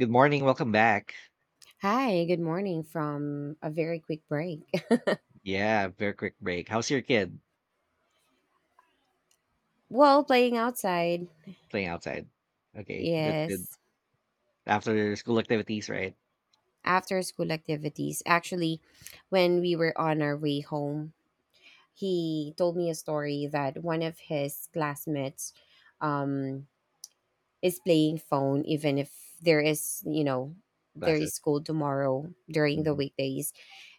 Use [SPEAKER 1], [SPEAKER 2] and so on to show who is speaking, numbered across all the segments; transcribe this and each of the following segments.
[SPEAKER 1] Good morning. Welcome back.
[SPEAKER 2] Hi, good morning from a very quick break.
[SPEAKER 1] Yeah, very quick break. How's your kid
[SPEAKER 2] Well, playing outside,
[SPEAKER 1] playing outside? Okay, that's good.
[SPEAKER 2] yes,
[SPEAKER 1] After school activities, right?
[SPEAKER 2] after school activities. Actually, when we were on our way home, he told me a story that one of his classmates um, is playing phone, even if there is, there is
[SPEAKER 1] Classes.
[SPEAKER 2] school tomorrow during the
[SPEAKER 1] Mhm.
[SPEAKER 2] weekdays.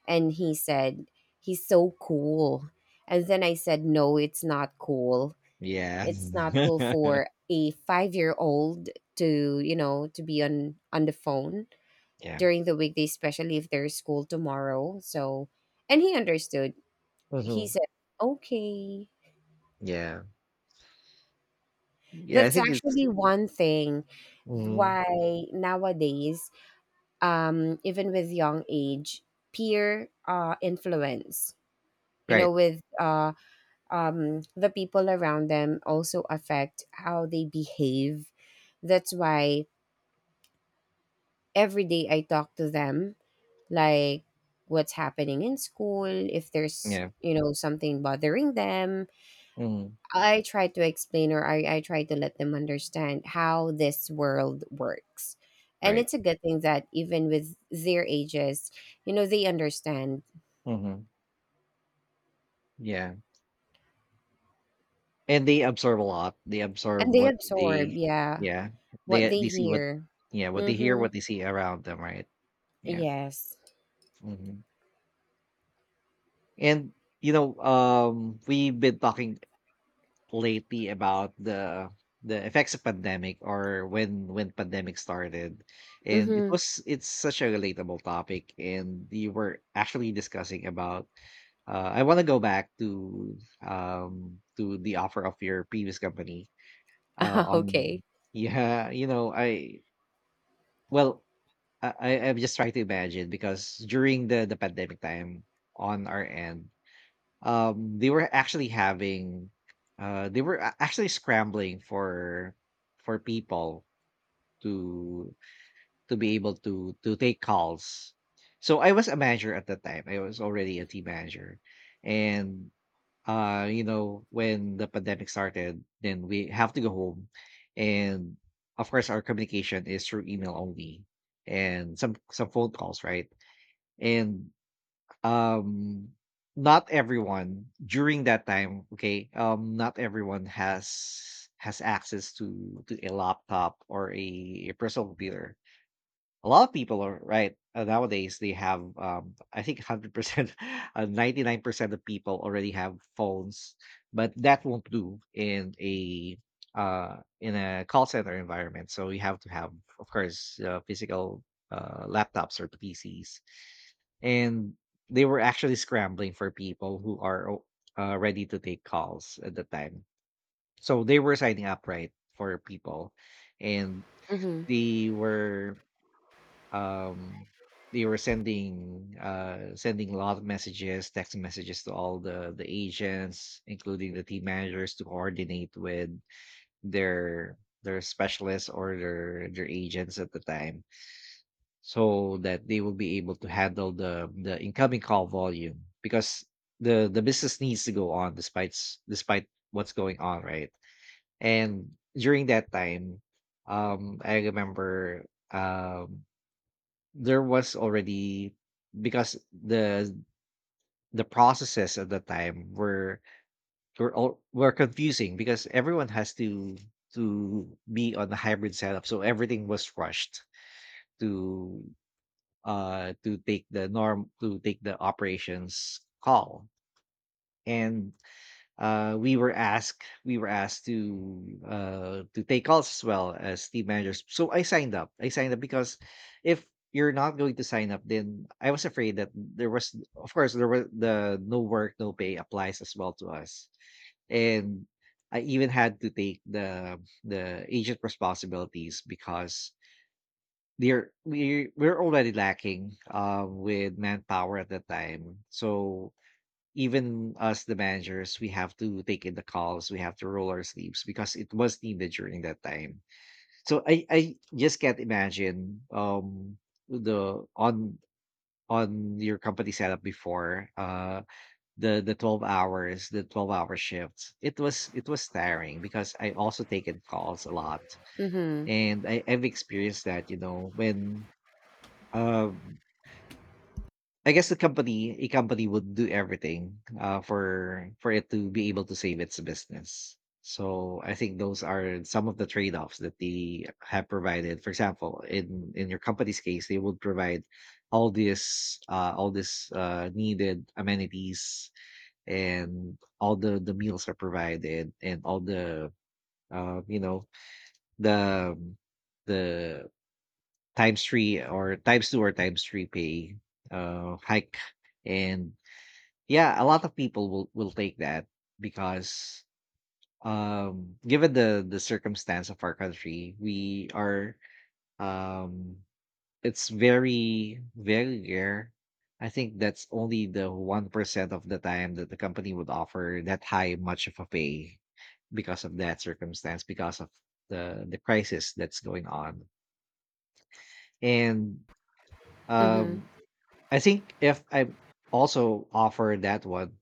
[SPEAKER 2] And he said, he's so cool. And then I said, no, it's not cool,
[SPEAKER 1] Yeah.
[SPEAKER 2] it's not cool for a 5-year-old to to be on the phone
[SPEAKER 1] Yeah.
[SPEAKER 2] during the weekday, especially if there's school tomorrow, so. And he understood, he
[SPEAKER 1] Mm-hmm.
[SPEAKER 2] said, okay.
[SPEAKER 1] Yeah. Yeah, I
[SPEAKER 2] That's
[SPEAKER 1] think it's
[SPEAKER 2] actually one thing
[SPEAKER 1] hmm
[SPEAKER 2] why nowadays, even with young age, peer influence,
[SPEAKER 1] right.
[SPEAKER 2] with the people around them also affect how they behave. That's why every day I talk to them, like what's happening in school, if there's
[SPEAKER 1] Yeah,
[SPEAKER 2] something bothering them.
[SPEAKER 1] hmm
[SPEAKER 2] I try to explain, or I try to let them understand how this world works. And
[SPEAKER 1] right.
[SPEAKER 2] it's a good thing that even with their ages, they understand
[SPEAKER 1] hmm Yeah. And they absorb a lot. They absorb
[SPEAKER 2] and they
[SPEAKER 1] what they
[SPEAKER 2] absorb, yeah,
[SPEAKER 1] yeah.
[SPEAKER 2] what
[SPEAKER 1] They
[SPEAKER 2] they
[SPEAKER 1] they see what
[SPEAKER 2] hear.
[SPEAKER 1] yeah, what they hear,
[SPEAKER 2] Mm-hmm.
[SPEAKER 1] what they see around them, right? Yeah.
[SPEAKER 2] Yes.
[SPEAKER 1] hmm And we've been talking lately about the effects of pandemic or when pandemic started, and it
[SPEAKER 2] Mm-hmm.
[SPEAKER 1] was it's such a relatable topic, and we were actually discussing about I want to go back to to the offer of your previous company on
[SPEAKER 2] Okay.
[SPEAKER 1] yeah you know I well I- I'm just trying to imagine, because during the pandemic time, on our end, they were actually having actually scrambling for people to be able to take calls. So I was a manager at that time. I was already a team manager. And you know, when the pandemic started, then we have to go home, and of course our communication is through email only, and some phone calls, right? And um, not everyone during that time, okay? Not everyone has access to a laptop, or a personal computer. A lot of people are right nowadays. They have, I think, 100%, 99% of people already have phones, but that won't do uh, in a call center environment. So you have to have, of course, physical laptops or PCs, and they were actually scrambling for people who are ready to take calls at the time. So they were signing up right for people, and
[SPEAKER 2] Mm-hmm.
[SPEAKER 1] they were um they were sending sending a lot of messages, text messages, to all the agents, including the team managers, to coordinate with their specialists, or their agents at the time, so that they will be able to handle the incoming call volume, because the business needs to go on despite despite what's going on, right? And during that time, I remember, um there was already, because the processes at the time were all were confusing, because everyone has to be on the hybrid setup, so everything was rushed to to take the norm, to take the operations call. And we were asked to take calls as well as team managers. So I signed up. I signed up because if you're not going to sign up, then I was afraid that there was, of course there was, the no work, no pay applies as well to us. And I even had to take the agent responsibilities, because they're we were already lacking with manpower at that time. So even us, the managers, we have to take in the calls, we have to roll our sleeves, because it was needed during that time. So I just can't imagine, the on your company setup before, the 12 hours, the 12-hour shifts. It was, it was tiring, because I also taken calls a lot.
[SPEAKER 2] Mm-hmm.
[SPEAKER 1] And I've experienced that, you know, when um I guess the company, a company, would do everything, for it to be able to save its business. So I think those are some of the trade-offs that they have provided. For example, in your company's case, they would provide all this needed amenities, and all the meals are provided, and all the uh, you know the the times three, or times two, or times three pay hike. And yeah, a lot of people will take that, because given the circumstance of our country, we are um it's very, very rare. I think that's only the 1% of the time that the company would offer that high much of a pay, because of that circumstance, because of the crisis that's going on. And
[SPEAKER 2] Mm-hmm.
[SPEAKER 1] um I think if I also offer that one,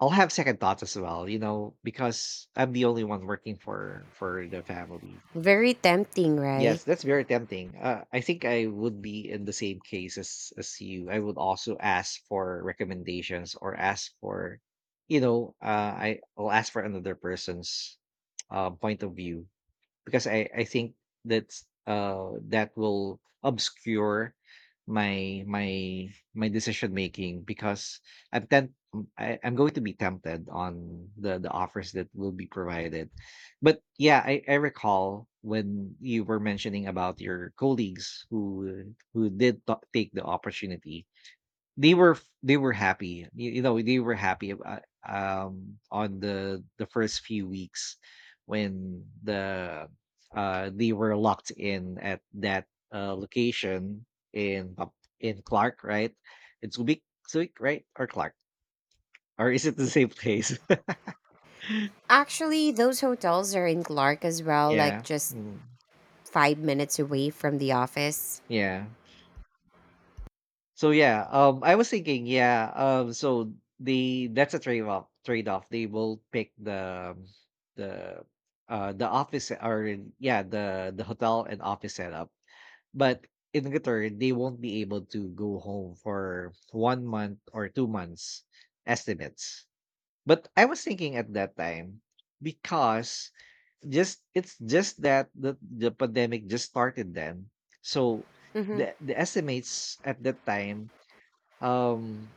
[SPEAKER 1] I'll have second thoughts as well, you know, because I'm the only one working for the family.
[SPEAKER 2] Very tempting,
[SPEAKER 1] Yes,
[SPEAKER 2] right?
[SPEAKER 1] that's very tempting. I think I would be in the same case as you. I would also ask for recommendations, or ask for, you know, I will ask for another person's point of view, because I think that's that will obscure my my decision making, because I'm temp- I'm going to be tempted on the offers that will be provided. But yeah, I recall when you were mentioning about your colleagues who take the opportunity. They were f they were happy. You know, they were happy about, on the first few weeks when the they were locked in at that location, in Pap- in Clark, right? It's Subic, Subic, right? Or Clark. Or is it the same place?
[SPEAKER 2] Actually, those hotels are in Clark as well,
[SPEAKER 1] yeah.
[SPEAKER 2] like just
[SPEAKER 1] Mm.
[SPEAKER 2] 5 minutes away from the office.
[SPEAKER 1] Yeah. So yeah, I was thinking, yeah, so the that's a trade off. Trade off. They will pick the the the office, or yeah, the hotel and office setup, but in return they won't be able to go home for 1 month or 2 months estimates. But I was thinking at that time, because just it's just that the pandemic just started then, so
[SPEAKER 2] Mm-hmm,
[SPEAKER 1] the estimates at that time, um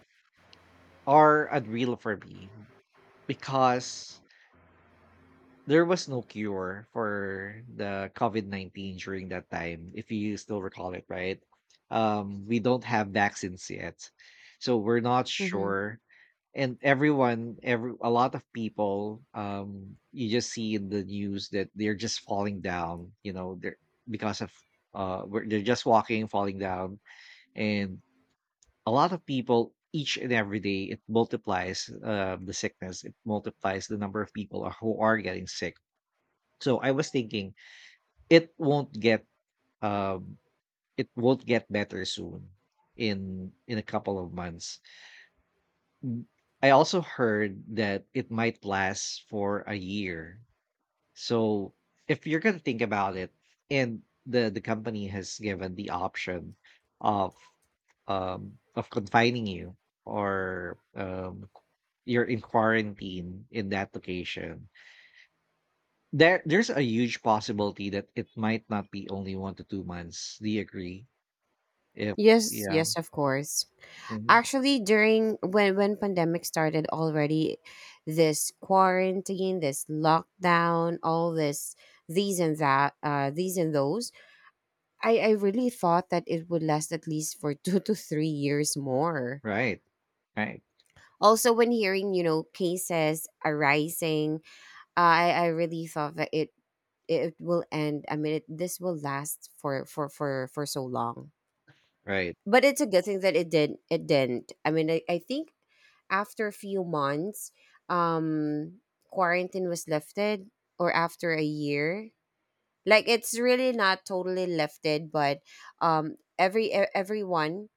[SPEAKER 1] are unreal for me, because there was no cure for the COVID-19 during that time, if you still recall it, right? We don't have vaccines yet. So we're not
[SPEAKER 2] mm-hmm.
[SPEAKER 1] sure. And everyone, every a lot of people, you just see in the news that they're just falling down, you know, they're because of they're just walking, falling down, and a lot of people, each and every day it multiplies, the sickness, it multiplies the number of people who are getting sick. So I was thinking it won't get, um it won't get better soon in a couple of months. Mm, I also heard that it might last for a year. So if you're going to think about it, and the company has given the option of of confining you, or you're in quarantine in that location, there's a huge possibility that it might not be only 1 to 2 months. Do you agree? If
[SPEAKER 2] Yes,
[SPEAKER 1] yeah.
[SPEAKER 2] yes, of course.
[SPEAKER 1] Mhm.
[SPEAKER 2] Actually, during when pandemic started already, this quarantine, this lockdown, all this these and that, these and those, I really thought that it would last at least for 2 to 3 years more.
[SPEAKER 1] Right. Right.
[SPEAKER 2] Also, when hearing, cases arising, I really thought that it will end. I mean, this will last for so long.
[SPEAKER 1] Right.
[SPEAKER 2] But it's a good thing that it did. It didn't. I mean, I think after a few months, um, quarantine was lifted, or after a year. Like it's really not totally lifted, but every everyone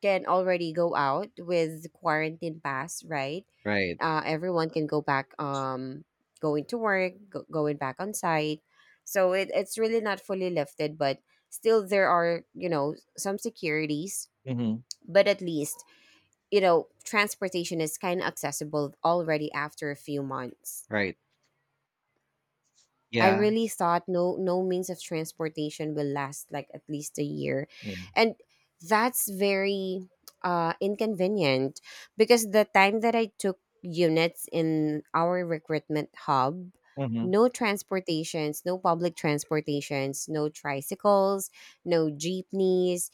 [SPEAKER 2] can already go out with quarantine pass, right?
[SPEAKER 1] Right.
[SPEAKER 2] Everyone can go back, going to work, going back on site. So it's really not fully lifted, but still there are, some securities.
[SPEAKER 1] Mhm.
[SPEAKER 2] But at least, transportation is kind of accessible already after a few months.
[SPEAKER 1] Right.
[SPEAKER 2] I
[SPEAKER 1] Yeah.
[SPEAKER 2] really thought no means of transportation will last like at least a year.
[SPEAKER 1] Yeah.
[SPEAKER 2] And that's very inconvenient because the time that I took units in our recruitment hub,
[SPEAKER 1] Mhm.
[SPEAKER 2] no transportations, no public transportations, no tricycles, no jeepneys,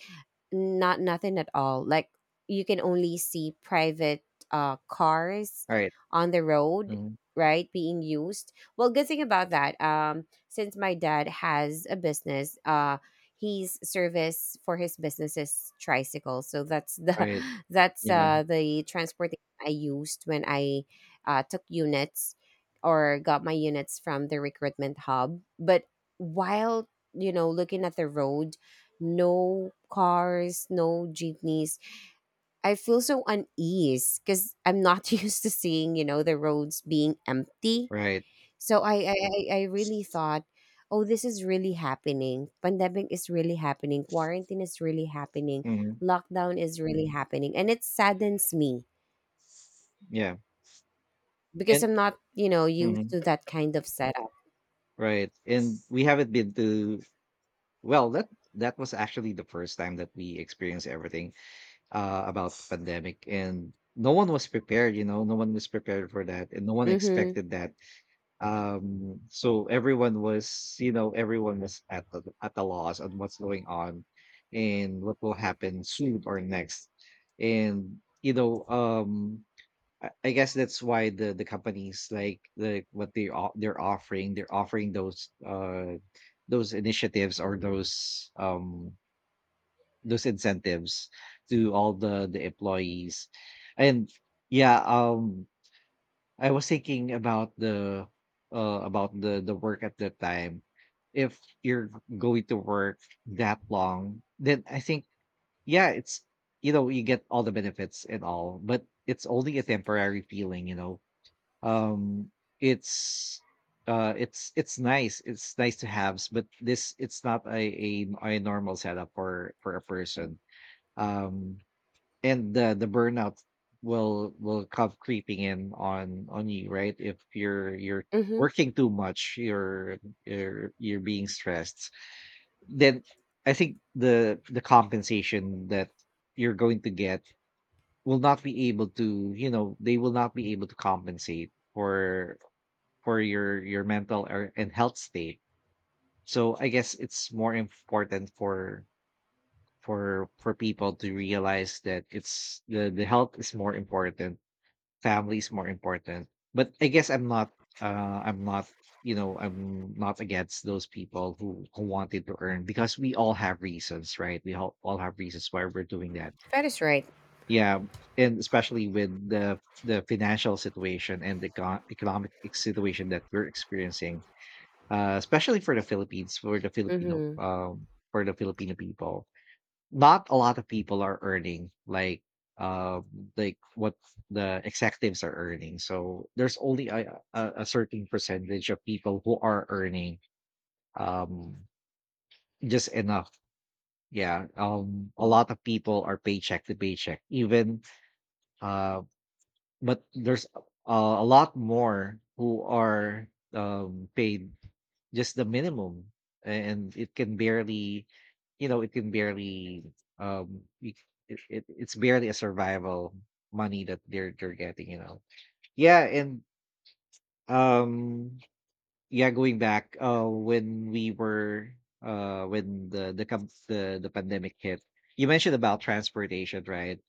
[SPEAKER 2] not nothing at all. Like you can only see private cars
[SPEAKER 1] Right.
[SPEAKER 2] on the road,
[SPEAKER 1] Mhm.
[SPEAKER 2] right, being used. Well, good thing about that, since my dad has a business, he's service for his business is tricycle. So that's the
[SPEAKER 1] Right.
[SPEAKER 2] that's
[SPEAKER 1] Yeah.
[SPEAKER 2] the transportation I used when I took units or got my units from the recruitment hub. But while looking at the road, no cars, no jeepneys. I feel so unease because I'm not used to seeing, the roads being empty.
[SPEAKER 1] Right.
[SPEAKER 2] So I really thought, oh, this is really happening. Pandemic is really happening. Quarantine is really happening.
[SPEAKER 1] Mhm.
[SPEAKER 2] Lockdown is really happening. And it saddens me
[SPEAKER 1] Yeah.
[SPEAKER 2] because
[SPEAKER 1] And
[SPEAKER 2] I'm not, used
[SPEAKER 1] mhm.
[SPEAKER 2] to that kind of setup.
[SPEAKER 1] Right. And we haven't been to well, that that was actually the first time that we experienced everything. About the pandemic, and no one was prepared, you know, no one was prepared for that, and no one
[SPEAKER 2] Mm-hmm.
[SPEAKER 1] expected that. So everyone was, you know, everyone was at the loss on what's going on, and what will happen soon or next. And you know, I guess that's why the companies, like the what they they're offering, they're offering those initiatives, or those incentives to all the employees. And yeah, I was thinking about the about the work at the time. If you're going to work that long, then I think yeah, it's, you know, you get all the benefits and all, but it's only a temporary feeling, you know, um it's it's nice, it's nice to have, but this it's not a normal setup for a person, um and the burnout will come creeping in on you, right? If you're
[SPEAKER 2] Mm-hmm.
[SPEAKER 1] working too much, you're being stressed, then I think the compensation that you're going to get will not be able to, you know, they will not be able to compensate for your mental, and health state. So I guess it's more important for for people to realize that it's the health is more important, family is more important. But I guess I'm not I'm not, you know, I'm not against those people who wanted to earn, because we all have reasons, right? All have reasons why we're doing that.
[SPEAKER 2] That is right.
[SPEAKER 1] Yeah, and especially with the financial situation and the economic situation that we're experiencing, especially for the Philippines,
[SPEAKER 2] Mm-hmm.
[SPEAKER 1] for the Filipino people, not a lot of people are earning uh like what the executives are earning, so there's only a certain percentage of people who are earning um just enough. Yeah. A lot of people are paycheck to paycheck, even. uh but there's a lot more who are paid just the minimum, and it can barely, it can barely, um you, it's barely a survival money that they're getting. Yeah. And um yeah, going back, when we were, when the pandemic hit, you mentioned about transportation, right?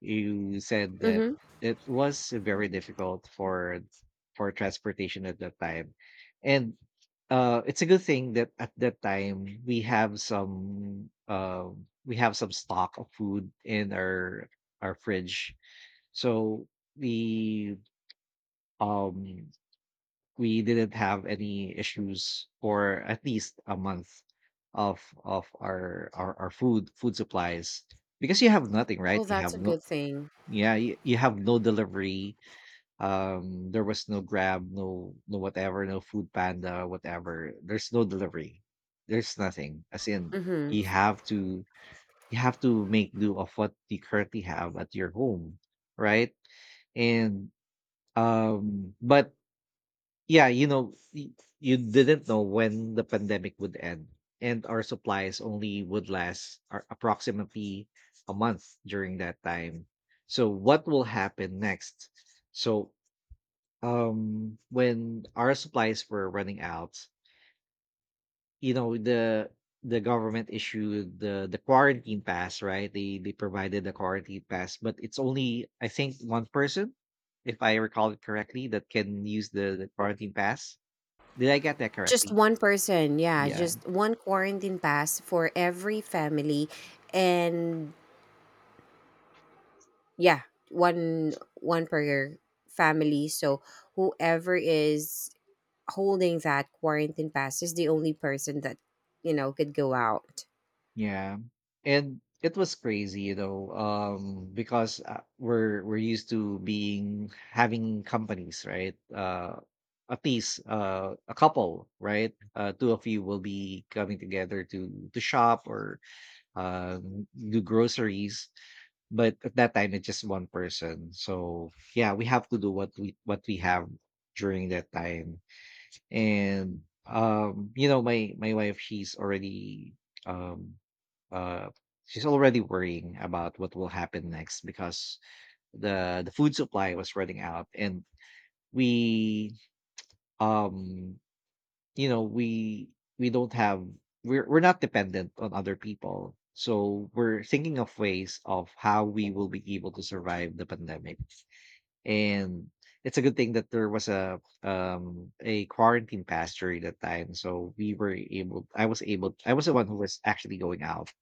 [SPEAKER 1] You said that
[SPEAKER 2] Mm-hmm.
[SPEAKER 1] it was very difficult for transportation at that time. And it's a good thing that at that time we have some, stock of food in our fridge. So we um we didn't have any issues for at least a month of our food supplies, because you have nothing, right?
[SPEAKER 2] Well,
[SPEAKER 1] You
[SPEAKER 2] that's
[SPEAKER 1] have
[SPEAKER 2] a
[SPEAKER 1] no.
[SPEAKER 2] good thing.
[SPEAKER 1] Yeah, you have no delivery. There was no Grab, no whatever, no Food Panda, whatever. There's no delivery. There's nothing. As in,
[SPEAKER 2] Mm-hmm.
[SPEAKER 1] you have to you have to make do of what you currently have at your home, right? And but yeah, you didn't know when the pandemic would end, and our supplies only would last approximately a month during that time. So, what will happen next? So, when our supplies were running out, the government issued the quarantine pass, right? They provided the quarantine pass, but it's only, I think, one person, if I recall it correctly, that can use the quarantine pass. Did I get that
[SPEAKER 2] Just
[SPEAKER 1] correctly?
[SPEAKER 2] one person, yeah,
[SPEAKER 1] Yeah,
[SPEAKER 2] just one quarantine pass for every family, and yeah, one per family. So whoever is holding that quarantine pass is the only person that could go out.
[SPEAKER 1] yeah. And it was crazy, because we're used to being having companies, right? At least, a couple, right? Two of you will be coming together to shop or do groceries. But at that time, it's just one person. So yeah, we have to do what we have during that time. And my wife, um uh she's already worrying about what will happen next, because the food supply was running out, and we, um you know we we don't have, we're not dependent on other people, so we're thinking of ways of how we will be able to survive the pandemic. And it's a good thing that there was a quarantine pass during that time. So we were able, I was able, I was the one who was actually going out.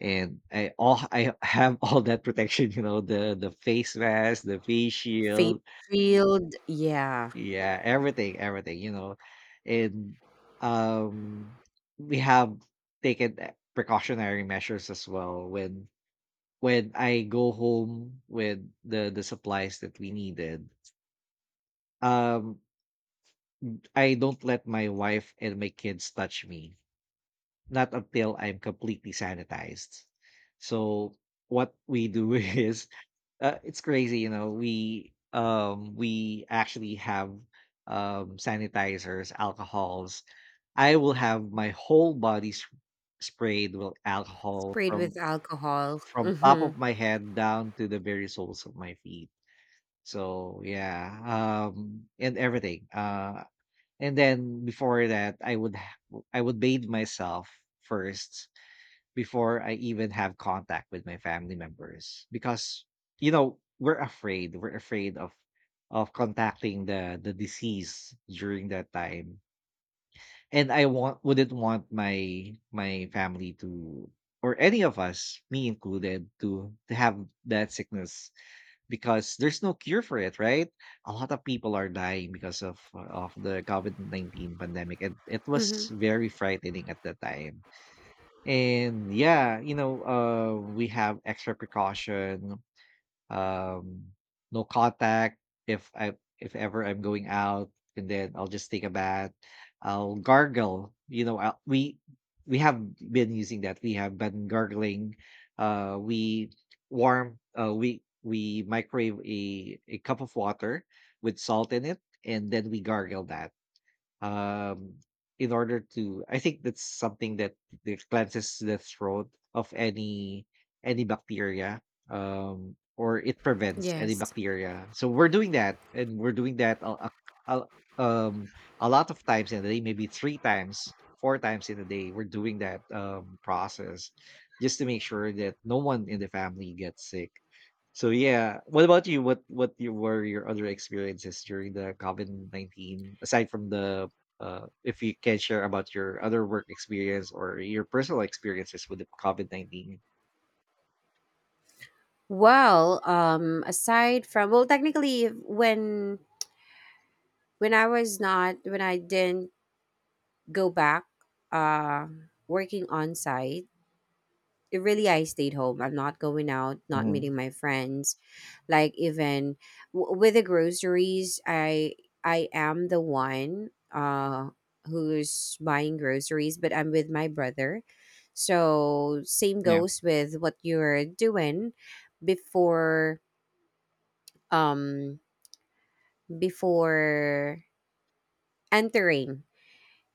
[SPEAKER 1] And I all I have all that protection, you know, the face mask, the face
[SPEAKER 2] Face
[SPEAKER 1] shield,
[SPEAKER 2] shield, yeah,
[SPEAKER 1] yeah, everything, everything. And um we have taken, precautionary measures as well, when I go home with the supplies that we needed. Um I don't let my wife and my kids touch me, not until I'm completely sanitized. So what we do is, it's crazy, you know, we actually have sanitizers, alcohols. I will have my whole body sprayed with alcohol
[SPEAKER 2] sprayed with
[SPEAKER 1] from
[SPEAKER 2] alcohol.
[SPEAKER 1] top
[SPEAKER 2] Mm-hmm.
[SPEAKER 1] of my head down to the very soles of my feet. So yeah, and everything. And then before that, I would bathe myself first before I even have contact with my family members, because you know we're afraid of contacting the disease during that time, and I want wouldn't want my family to, or any of us, me included, to have that sickness, because there's no cure for it, right? A lot of people are dying because of the COVID-19 pandemic, and it was
[SPEAKER 2] Mm-hmm.
[SPEAKER 1] very frightening at the time. And yeah, you know, we have extra precaution, um no contact. If ever I'm going out, and then I'll just take a bath, I'll gargle, you know, we have been using that, we have been gargling, we warm, we microwave a cup of water with salt in it, and then we gargle that, um, in order to, I think that's something that the cleanses the throat of any bacteria, or it prevents any
[SPEAKER 2] Yes.
[SPEAKER 1] bacteria, so we're doing that, and we're doing that a- um a lot of times in the day, maybe three times, four times in a day, we're doing that process, just to make sure that no one in the family gets sick. So yeah, what about you? What your other experiences during the COVID-19, aside from the, if you can share about your other work experience or your personal experiences with the COVID-19?
[SPEAKER 2] Well, aside from, well, technically, when I didn't go back, uh, working on site. It really, I stayed home, I'm not going out, not
[SPEAKER 1] Hmm.
[SPEAKER 2] meeting my friends, like even with the groceries, I am the one, uh who's buying groceries, but I'm with my brother. So same
[SPEAKER 1] Yeah.
[SPEAKER 2] goes with what you're doing. before um before entering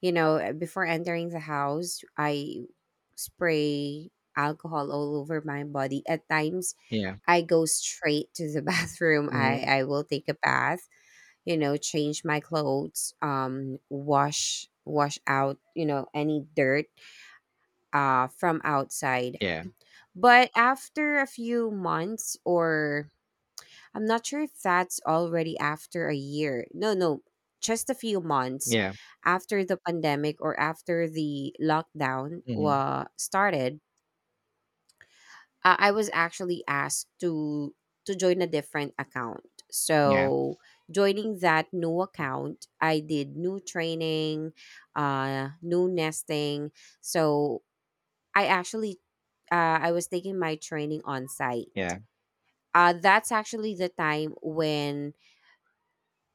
[SPEAKER 2] before entering the house, I spray alcohol all over my body. At times,
[SPEAKER 1] Yeah.
[SPEAKER 2] I go straight to the bathroom.
[SPEAKER 1] Hmm.
[SPEAKER 2] I will take a bath, change my clothes, wash out, any dirt from outside.
[SPEAKER 1] Yeah.
[SPEAKER 2] But after a few months, or I'm not sure if that's already after a year. No, no, just a few months
[SPEAKER 1] Yeah.
[SPEAKER 2] after the pandemic or after the lockdown
[SPEAKER 1] Hmm.
[SPEAKER 2] wa started, I was actually asked to join a different account.
[SPEAKER 1] Yeah.
[SPEAKER 2] So joining that new account, I did new training, new nesting. So I actually I was taking my training on site.
[SPEAKER 1] Yeah.
[SPEAKER 2] That's actually the time when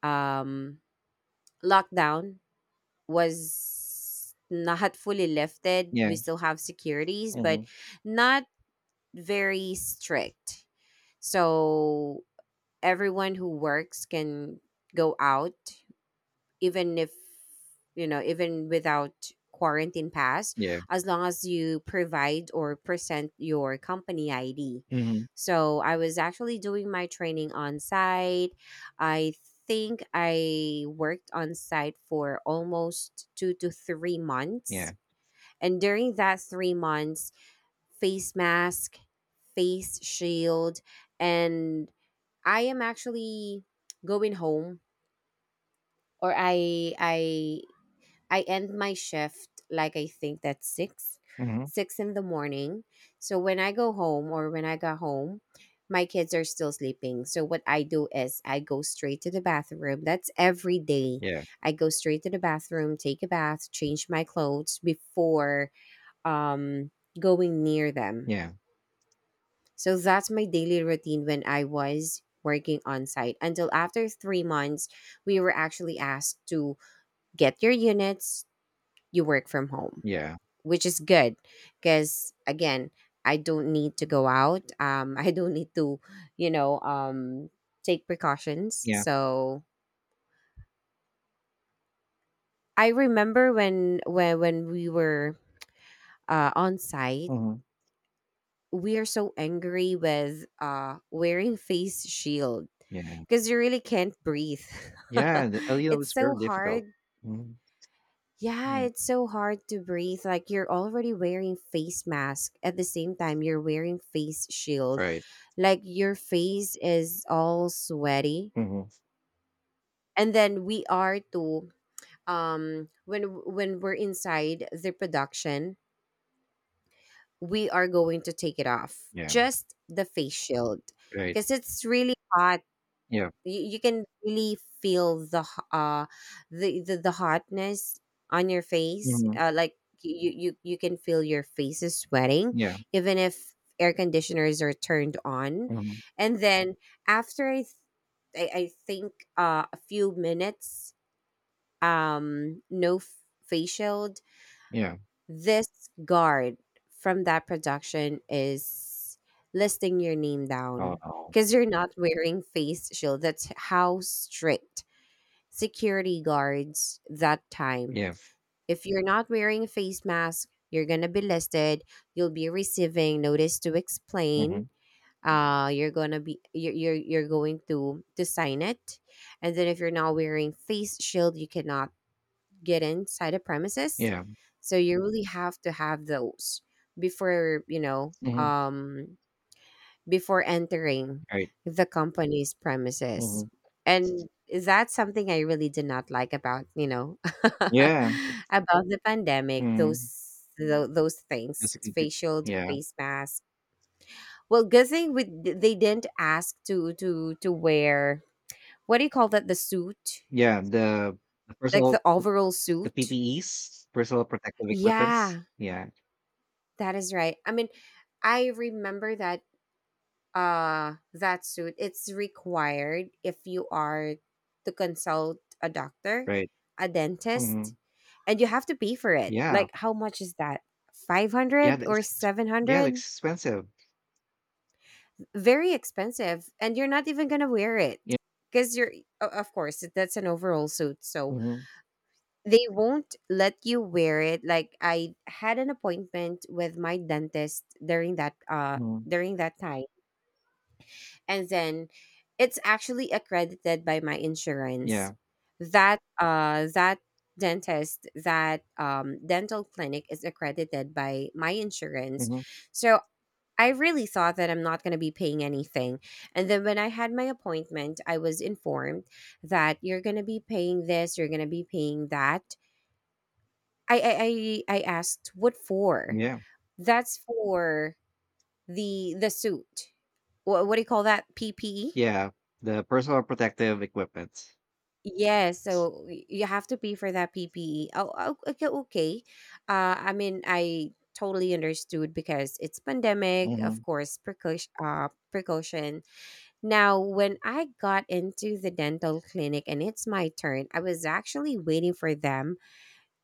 [SPEAKER 2] um, lockdown was not fully lifted.
[SPEAKER 1] Yeah.
[SPEAKER 2] We still have securities, but
[SPEAKER 1] Hmm.
[SPEAKER 2] not very strict. So everyone who works can go out, even if you know even without quarantine pass,
[SPEAKER 1] Yeah.
[SPEAKER 2] as long as you provide or present your company ID.
[SPEAKER 1] Hmm.
[SPEAKER 2] So I was actually doing my training on site. I think I worked on site for almost 2 to 3 months.
[SPEAKER 1] Yeah.
[SPEAKER 2] And during that 3 months, face mask, face shield, and I am actually going home, or I end my shift, like I think that's six
[SPEAKER 1] Hmm.
[SPEAKER 2] six in the morning. So when I go home, or when I got home, my kids are still sleeping. So what I do is I go straight to the bathroom. That's every day.
[SPEAKER 1] Yeah.
[SPEAKER 2] I go straight to the bathroom, take a bath, change my clothes before um going near them.
[SPEAKER 1] Yeah.
[SPEAKER 2] So that's my daily routine when I was working on site. Until after 3 months, we were actually asked to get your units, you work from home,
[SPEAKER 1] Yeah.
[SPEAKER 2] which is good because, again, I don't need to go out. I don't need to, you know, um, take precautions.
[SPEAKER 1] Yeah.
[SPEAKER 2] So I remember when we were on site,
[SPEAKER 1] Hmm.
[SPEAKER 2] we are so angry with wearing face shield
[SPEAKER 1] Yeah.
[SPEAKER 2] because you really can't breathe.
[SPEAKER 1] Yeah. The LEO
[SPEAKER 2] It's
[SPEAKER 1] is very
[SPEAKER 2] so hard.
[SPEAKER 1] difficult. Mhm.
[SPEAKER 2] Yeah,
[SPEAKER 1] Yeah.
[SPEAKER 2] it's so hard to breathe. Like you're already wearing face mask, at the same time you're wearing face shield.
[SPEAKER 1] Right.
[SPEAKER 2] Like your face is all sweaty.
[SPEAKER 1] Hmm.
[SPEAKER 2] And then we are to when we're inside the production, we are going to take it off.
[SPEAKER 1] Yeah.
[SPEAKER 2] Just the face shield,
[SPEAKER 1] Right.
[SPEAKER 2] because it's really hot.
[SPEAKER 1] Yeah.
[SPEAKER 2] You can really feel the the hotness on your face.
[SPEAKER 1] Mhm.
[SPEAKER 2] Like you can feel your face is sweating,
[SPEAKER 1] Yeah,
[SPEAKER 2] even if air conditioners are turned on.
[SPEAKER 1] mhm,
[SPEAKER 2] And then after I think a few minutes, no f- facial
[SPEAKER 1] yeah,
[SPEAKER 2] this guard from that production is listing your name
[SPEAKER 1] oh,
[SPEAKER 2] down,
[SPEAKER 1] no.
[SPEAKER 2] because you're not wearing face shield. That's how strict security guards that time.
[SPEAKER 1] Yeah,
[SPEAKER 2] If you're not wearing a face mask, you're gonna be listed. You'll be receiving notice to explain.
[SPEAKER 1] mhm,
[SPEAKER 2] You're gonna be you're going to sign it, and then if you're not wearing face shield, you cannot get inside a premises.
[SPEAKER 1] yeah,
[SPEAKER 2] So you really have to have those before, you know,
[SPEAKER 1] mhm,
[SPEAKER 2] um, before entering
[SPEAKER 1] right,
[SPEAKER 2] the company's premises.
[SPEAKER 1] mhm,
[SPEAKER 2] And that's something I really did not like about, about
[SPEAKER 1] yeah,
[SPEAKER 2] the pandemic,
[SPEAKER 1] mhm,
[SPEAKER 2] those those
[SPEAKER 1] that's
[SPEAKER 2] things,
[SPEAKER 1] a good
[SPEAKER 2] face shield,
[SPEAKER 1] yeah,
[SPEAKER 2] face mask. Well, good thing they didn't ask to wear, what do you call that, the suit,
[SPEAKER 1] yeah, the
[SPEAKER 2] like
[SPEAKER 1] personal
[SPEAKER 2] the
[SPEAKER 1] the
[SPEAKER 2] overall
[SPEAKER 1] the
[SPEAKER 2] suit,
[SPEAKER 1] PPEs, personal protective equipments,
[SPEAKER 2] yeah.
[SPEAKER 1] yeah,
[SPEAKER 2] That is right. I mean, I remember that suit, it's required if you are to consult a doctor,
[SPEAKER 1] right,
[SPEAKER 2] a dentist,
[SPEAKER 1] mhm,
[SPEAKER 2] and you have to pay for it.
[SPEAKER 1] yeah,
[SPEAKER 2] Like how much is that?
[SPEAKER 1] yeah,
[SPEAKER 2] 500
[SPEAKER 1] the ex
[SPEAKER 2] or
[SPEAKER 1] yeah, they
[SPEAKER 2] 700?
[SPEAKER 1] expensive,
[SPEAKER 2] Very expensive, and you're not even going to wear it,
[SPEAKER 1] yeah,
[SPEAKER 2] cuz of course that's an overall suit. So
[SPEAKER 1] mhm,
[SPEAKER 2] they won't let you wear it. Like I had an appointment with my dentist during that uh
[SPEAKER 1] mhm,
[SPEAKER 2] during that time, and then it's actually accredited by my insurance,
[SPEAKER 1] yeah,
[SPEAKER 2] that that dentist, that dental clinic is accredited by my insurance.
[SPEAKER 1] mhm,
[SPEAKER 2] So I really thought that I'm not going to be paying anything, and then when I had my appointment, I was informed that you're going to be paying this, you're going to be paying that. I asked, what for?
[SPEAKER 1] yeah,
[SPEAKER 2] That's for the suit, what do you call that, PPE?
[SPEAKER 1] yeah, the personal protective equipment,
[SPEAKER 2] Yes, so you have to pay for that PPE. Oh, oh, okay, okay. I mean, I totally understood because it's pandemic, of
[SPEAKER 1] mhm,
[SPEAKER 2] course, precaution. Precaution. Now, when I got into the dental clinic and it's my turn, I was actually waiting for them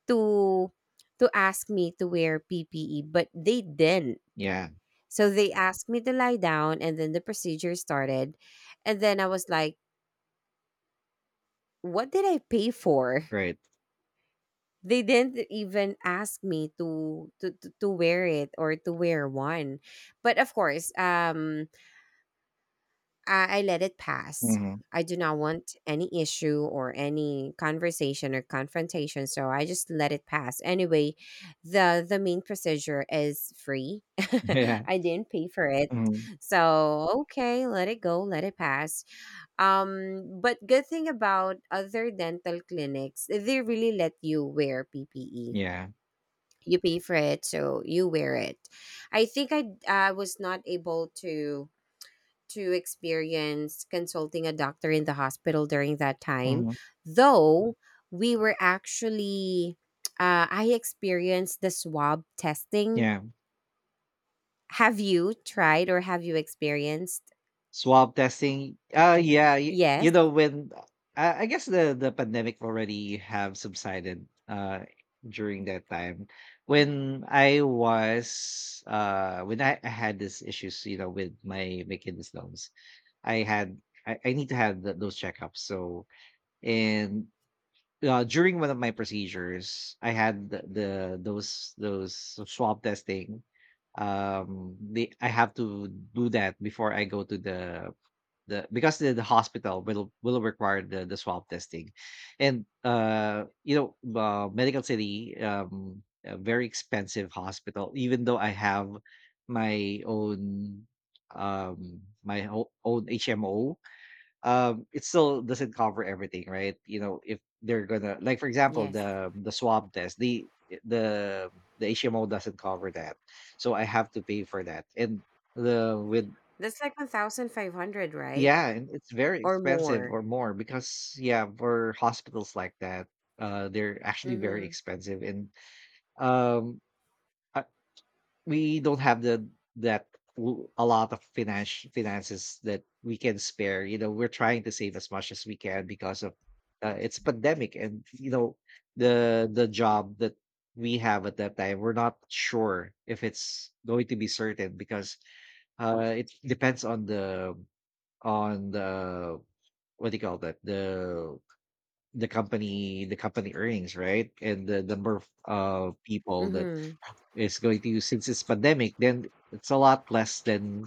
[SPEAKER 2] to to ask me to wear PPE, but they didn't.
[SPEAKER 1] yeah,
[SPEAKER 2] So they asked me to lie down, and then the procedure started, and then I was like, "What did I pay for?"
[SPEAKER 1] right,
[SPEAKER 2] They didn't even ask me to wear it, or to wear one. But of course, I let it pass.
[SPEAKER 1] mhm,
[SPEAKER 2] I do not want any issue, or any conversation or confrontation, so I just let it pass. Anyway, the main procedure is free.
[SPEAKER 1] yeah,
[SPEAKER 2] I didn't pay for it.
[SPEAKER 1] mhm,
[SPEAKER 2] So, okay, let it go, let it pass. But good thing about other dental clinics, they really let you wear PPE,
[SPEAKER 1] yeah,
[SPEAKER 2] you pay for it so you wear it. I think I was not able to experience consulting a doctor in the hospital during that time,
[SPEAKER 1] mhm,
[SPEAKER 2] though. We were actually I experienced the swab testing.
[SPEAKER 1] yeah.
[SPEAKER 2] Have you tried, or have you experienced?
[SPEAKER 1] Swab testing, yeah. You
[SPEAKER 2] Yes,
[SPEAKER 1] know when I guess the pandemic already have subsided, during that time, when I was, when I had these issues, you know, with my kidney stones. I had, I need to have those checkups. So, and, during one of my procedures, I had the those swab testing. They, I have to do that before I go to the, because the hospital will require the swab testing, and, you know, Medical City, a very expensive hospital. Even though I have my own, my own HMO, it still doesn't cover everything, right? You know, if they're gonna, like, for example,
[SPEAKER 2] yes,
[SPEAKER 1] the swab test, the the HMO doesn't cover that, so I have to pay for that, and the with
[SPEAKER 2] that's like 1500, right?
[SPEAKER 1] yeah, and it's very
[SPEAKER 2] Or
[SPEAKER 1] expensive,
[SPEAKER 2] more.
[SPEAKER 1] or more, because yeah, for hospitals like that, they're actually very
[SPEAKER 2] Mm-hmm.
[SPEAKER 1] expensive, and um, uh, we don't have that a lot of finances that we can spare. You know, we're trying to save as much as we can because of, it's pandemic, and you know the job that we have at that time, we're not sure if it's going to be certain, because it depends on the, on the what do you call that, the company earnings, right, and the number of, people that
[SPEAKER 2] Mm-hmm.
[SPEAKER 1] is going to use, since it's pandemic, then it's a lot less than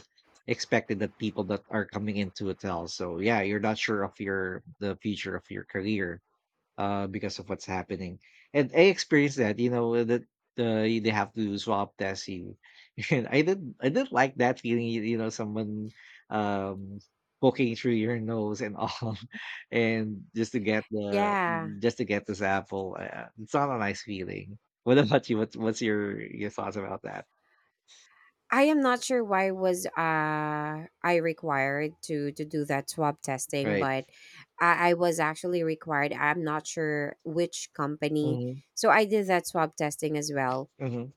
[SPEAKER 1] expected, that people that are coming into hotels. So yeah, you're not sure of your the future of your career, because of what's happening. And I experienced that, you know, that, they have to swab test you. And I didn't like that feeling, you know, someone, um, poking through your nose and all, and
[SPEAKER 2] Yeah.
[SPEAKER 1] just to get the sample. It's not a nice feeling. What about you? What's your thoughts about that?
[SPEAKER 2] I am not sure why was I required to do that swab testing,
[SPEAKER 1] Right.
[SPEAKER 2] but I was actually required. I'm not sure which company,
[SPEAKER 1] Mm-hmm.
[SPEAKER 2] so I did that swab testing as well.
[SPEAKER 1] Mm-hmm.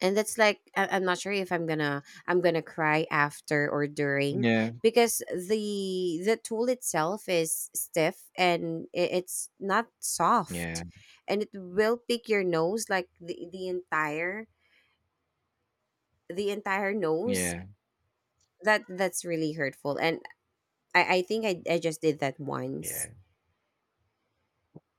[SPEAKER 2] And that's like, I'm not sure if I'm gonna cry after or during,
[SPEAKER 1] Yeah.
[SPEAKER 2] because the tool itself is stiff, and it's not soft,
[SPEAKER 1] Yeah.
[SPEAKER 2] and it will pick your nose, like the entire nose.
[SPEAKER 1] Yeah.
[SPEAKER 2] That's really hurtful. And I think I just did that once.
[SPEAKER 1] Yeah.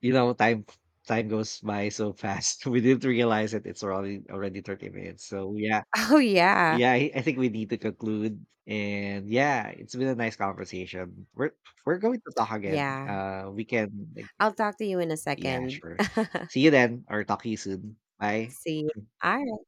[SPEAKER 1] You know, time goes by so fast. We didn't realize it. It's already 30 minutes. So yeah.
[SPEAKER 2] Oh, yeah,
[SPEAKER 1] Yeah, I think we need to conclude. And yeah, it's been a nice conversation. We're going to talk again.
[SPEAKER 2] yeah,
[SPEAKER 1] We can, like,
[SPEAKER 2] I'll talk to you in a
[SPEAKER 1] yeah,
[SPEAKER 2] second.
[SPEAKER 1] sure. See you then, or talk to you soon. Bye.
[SPEAKER 2] See you. All.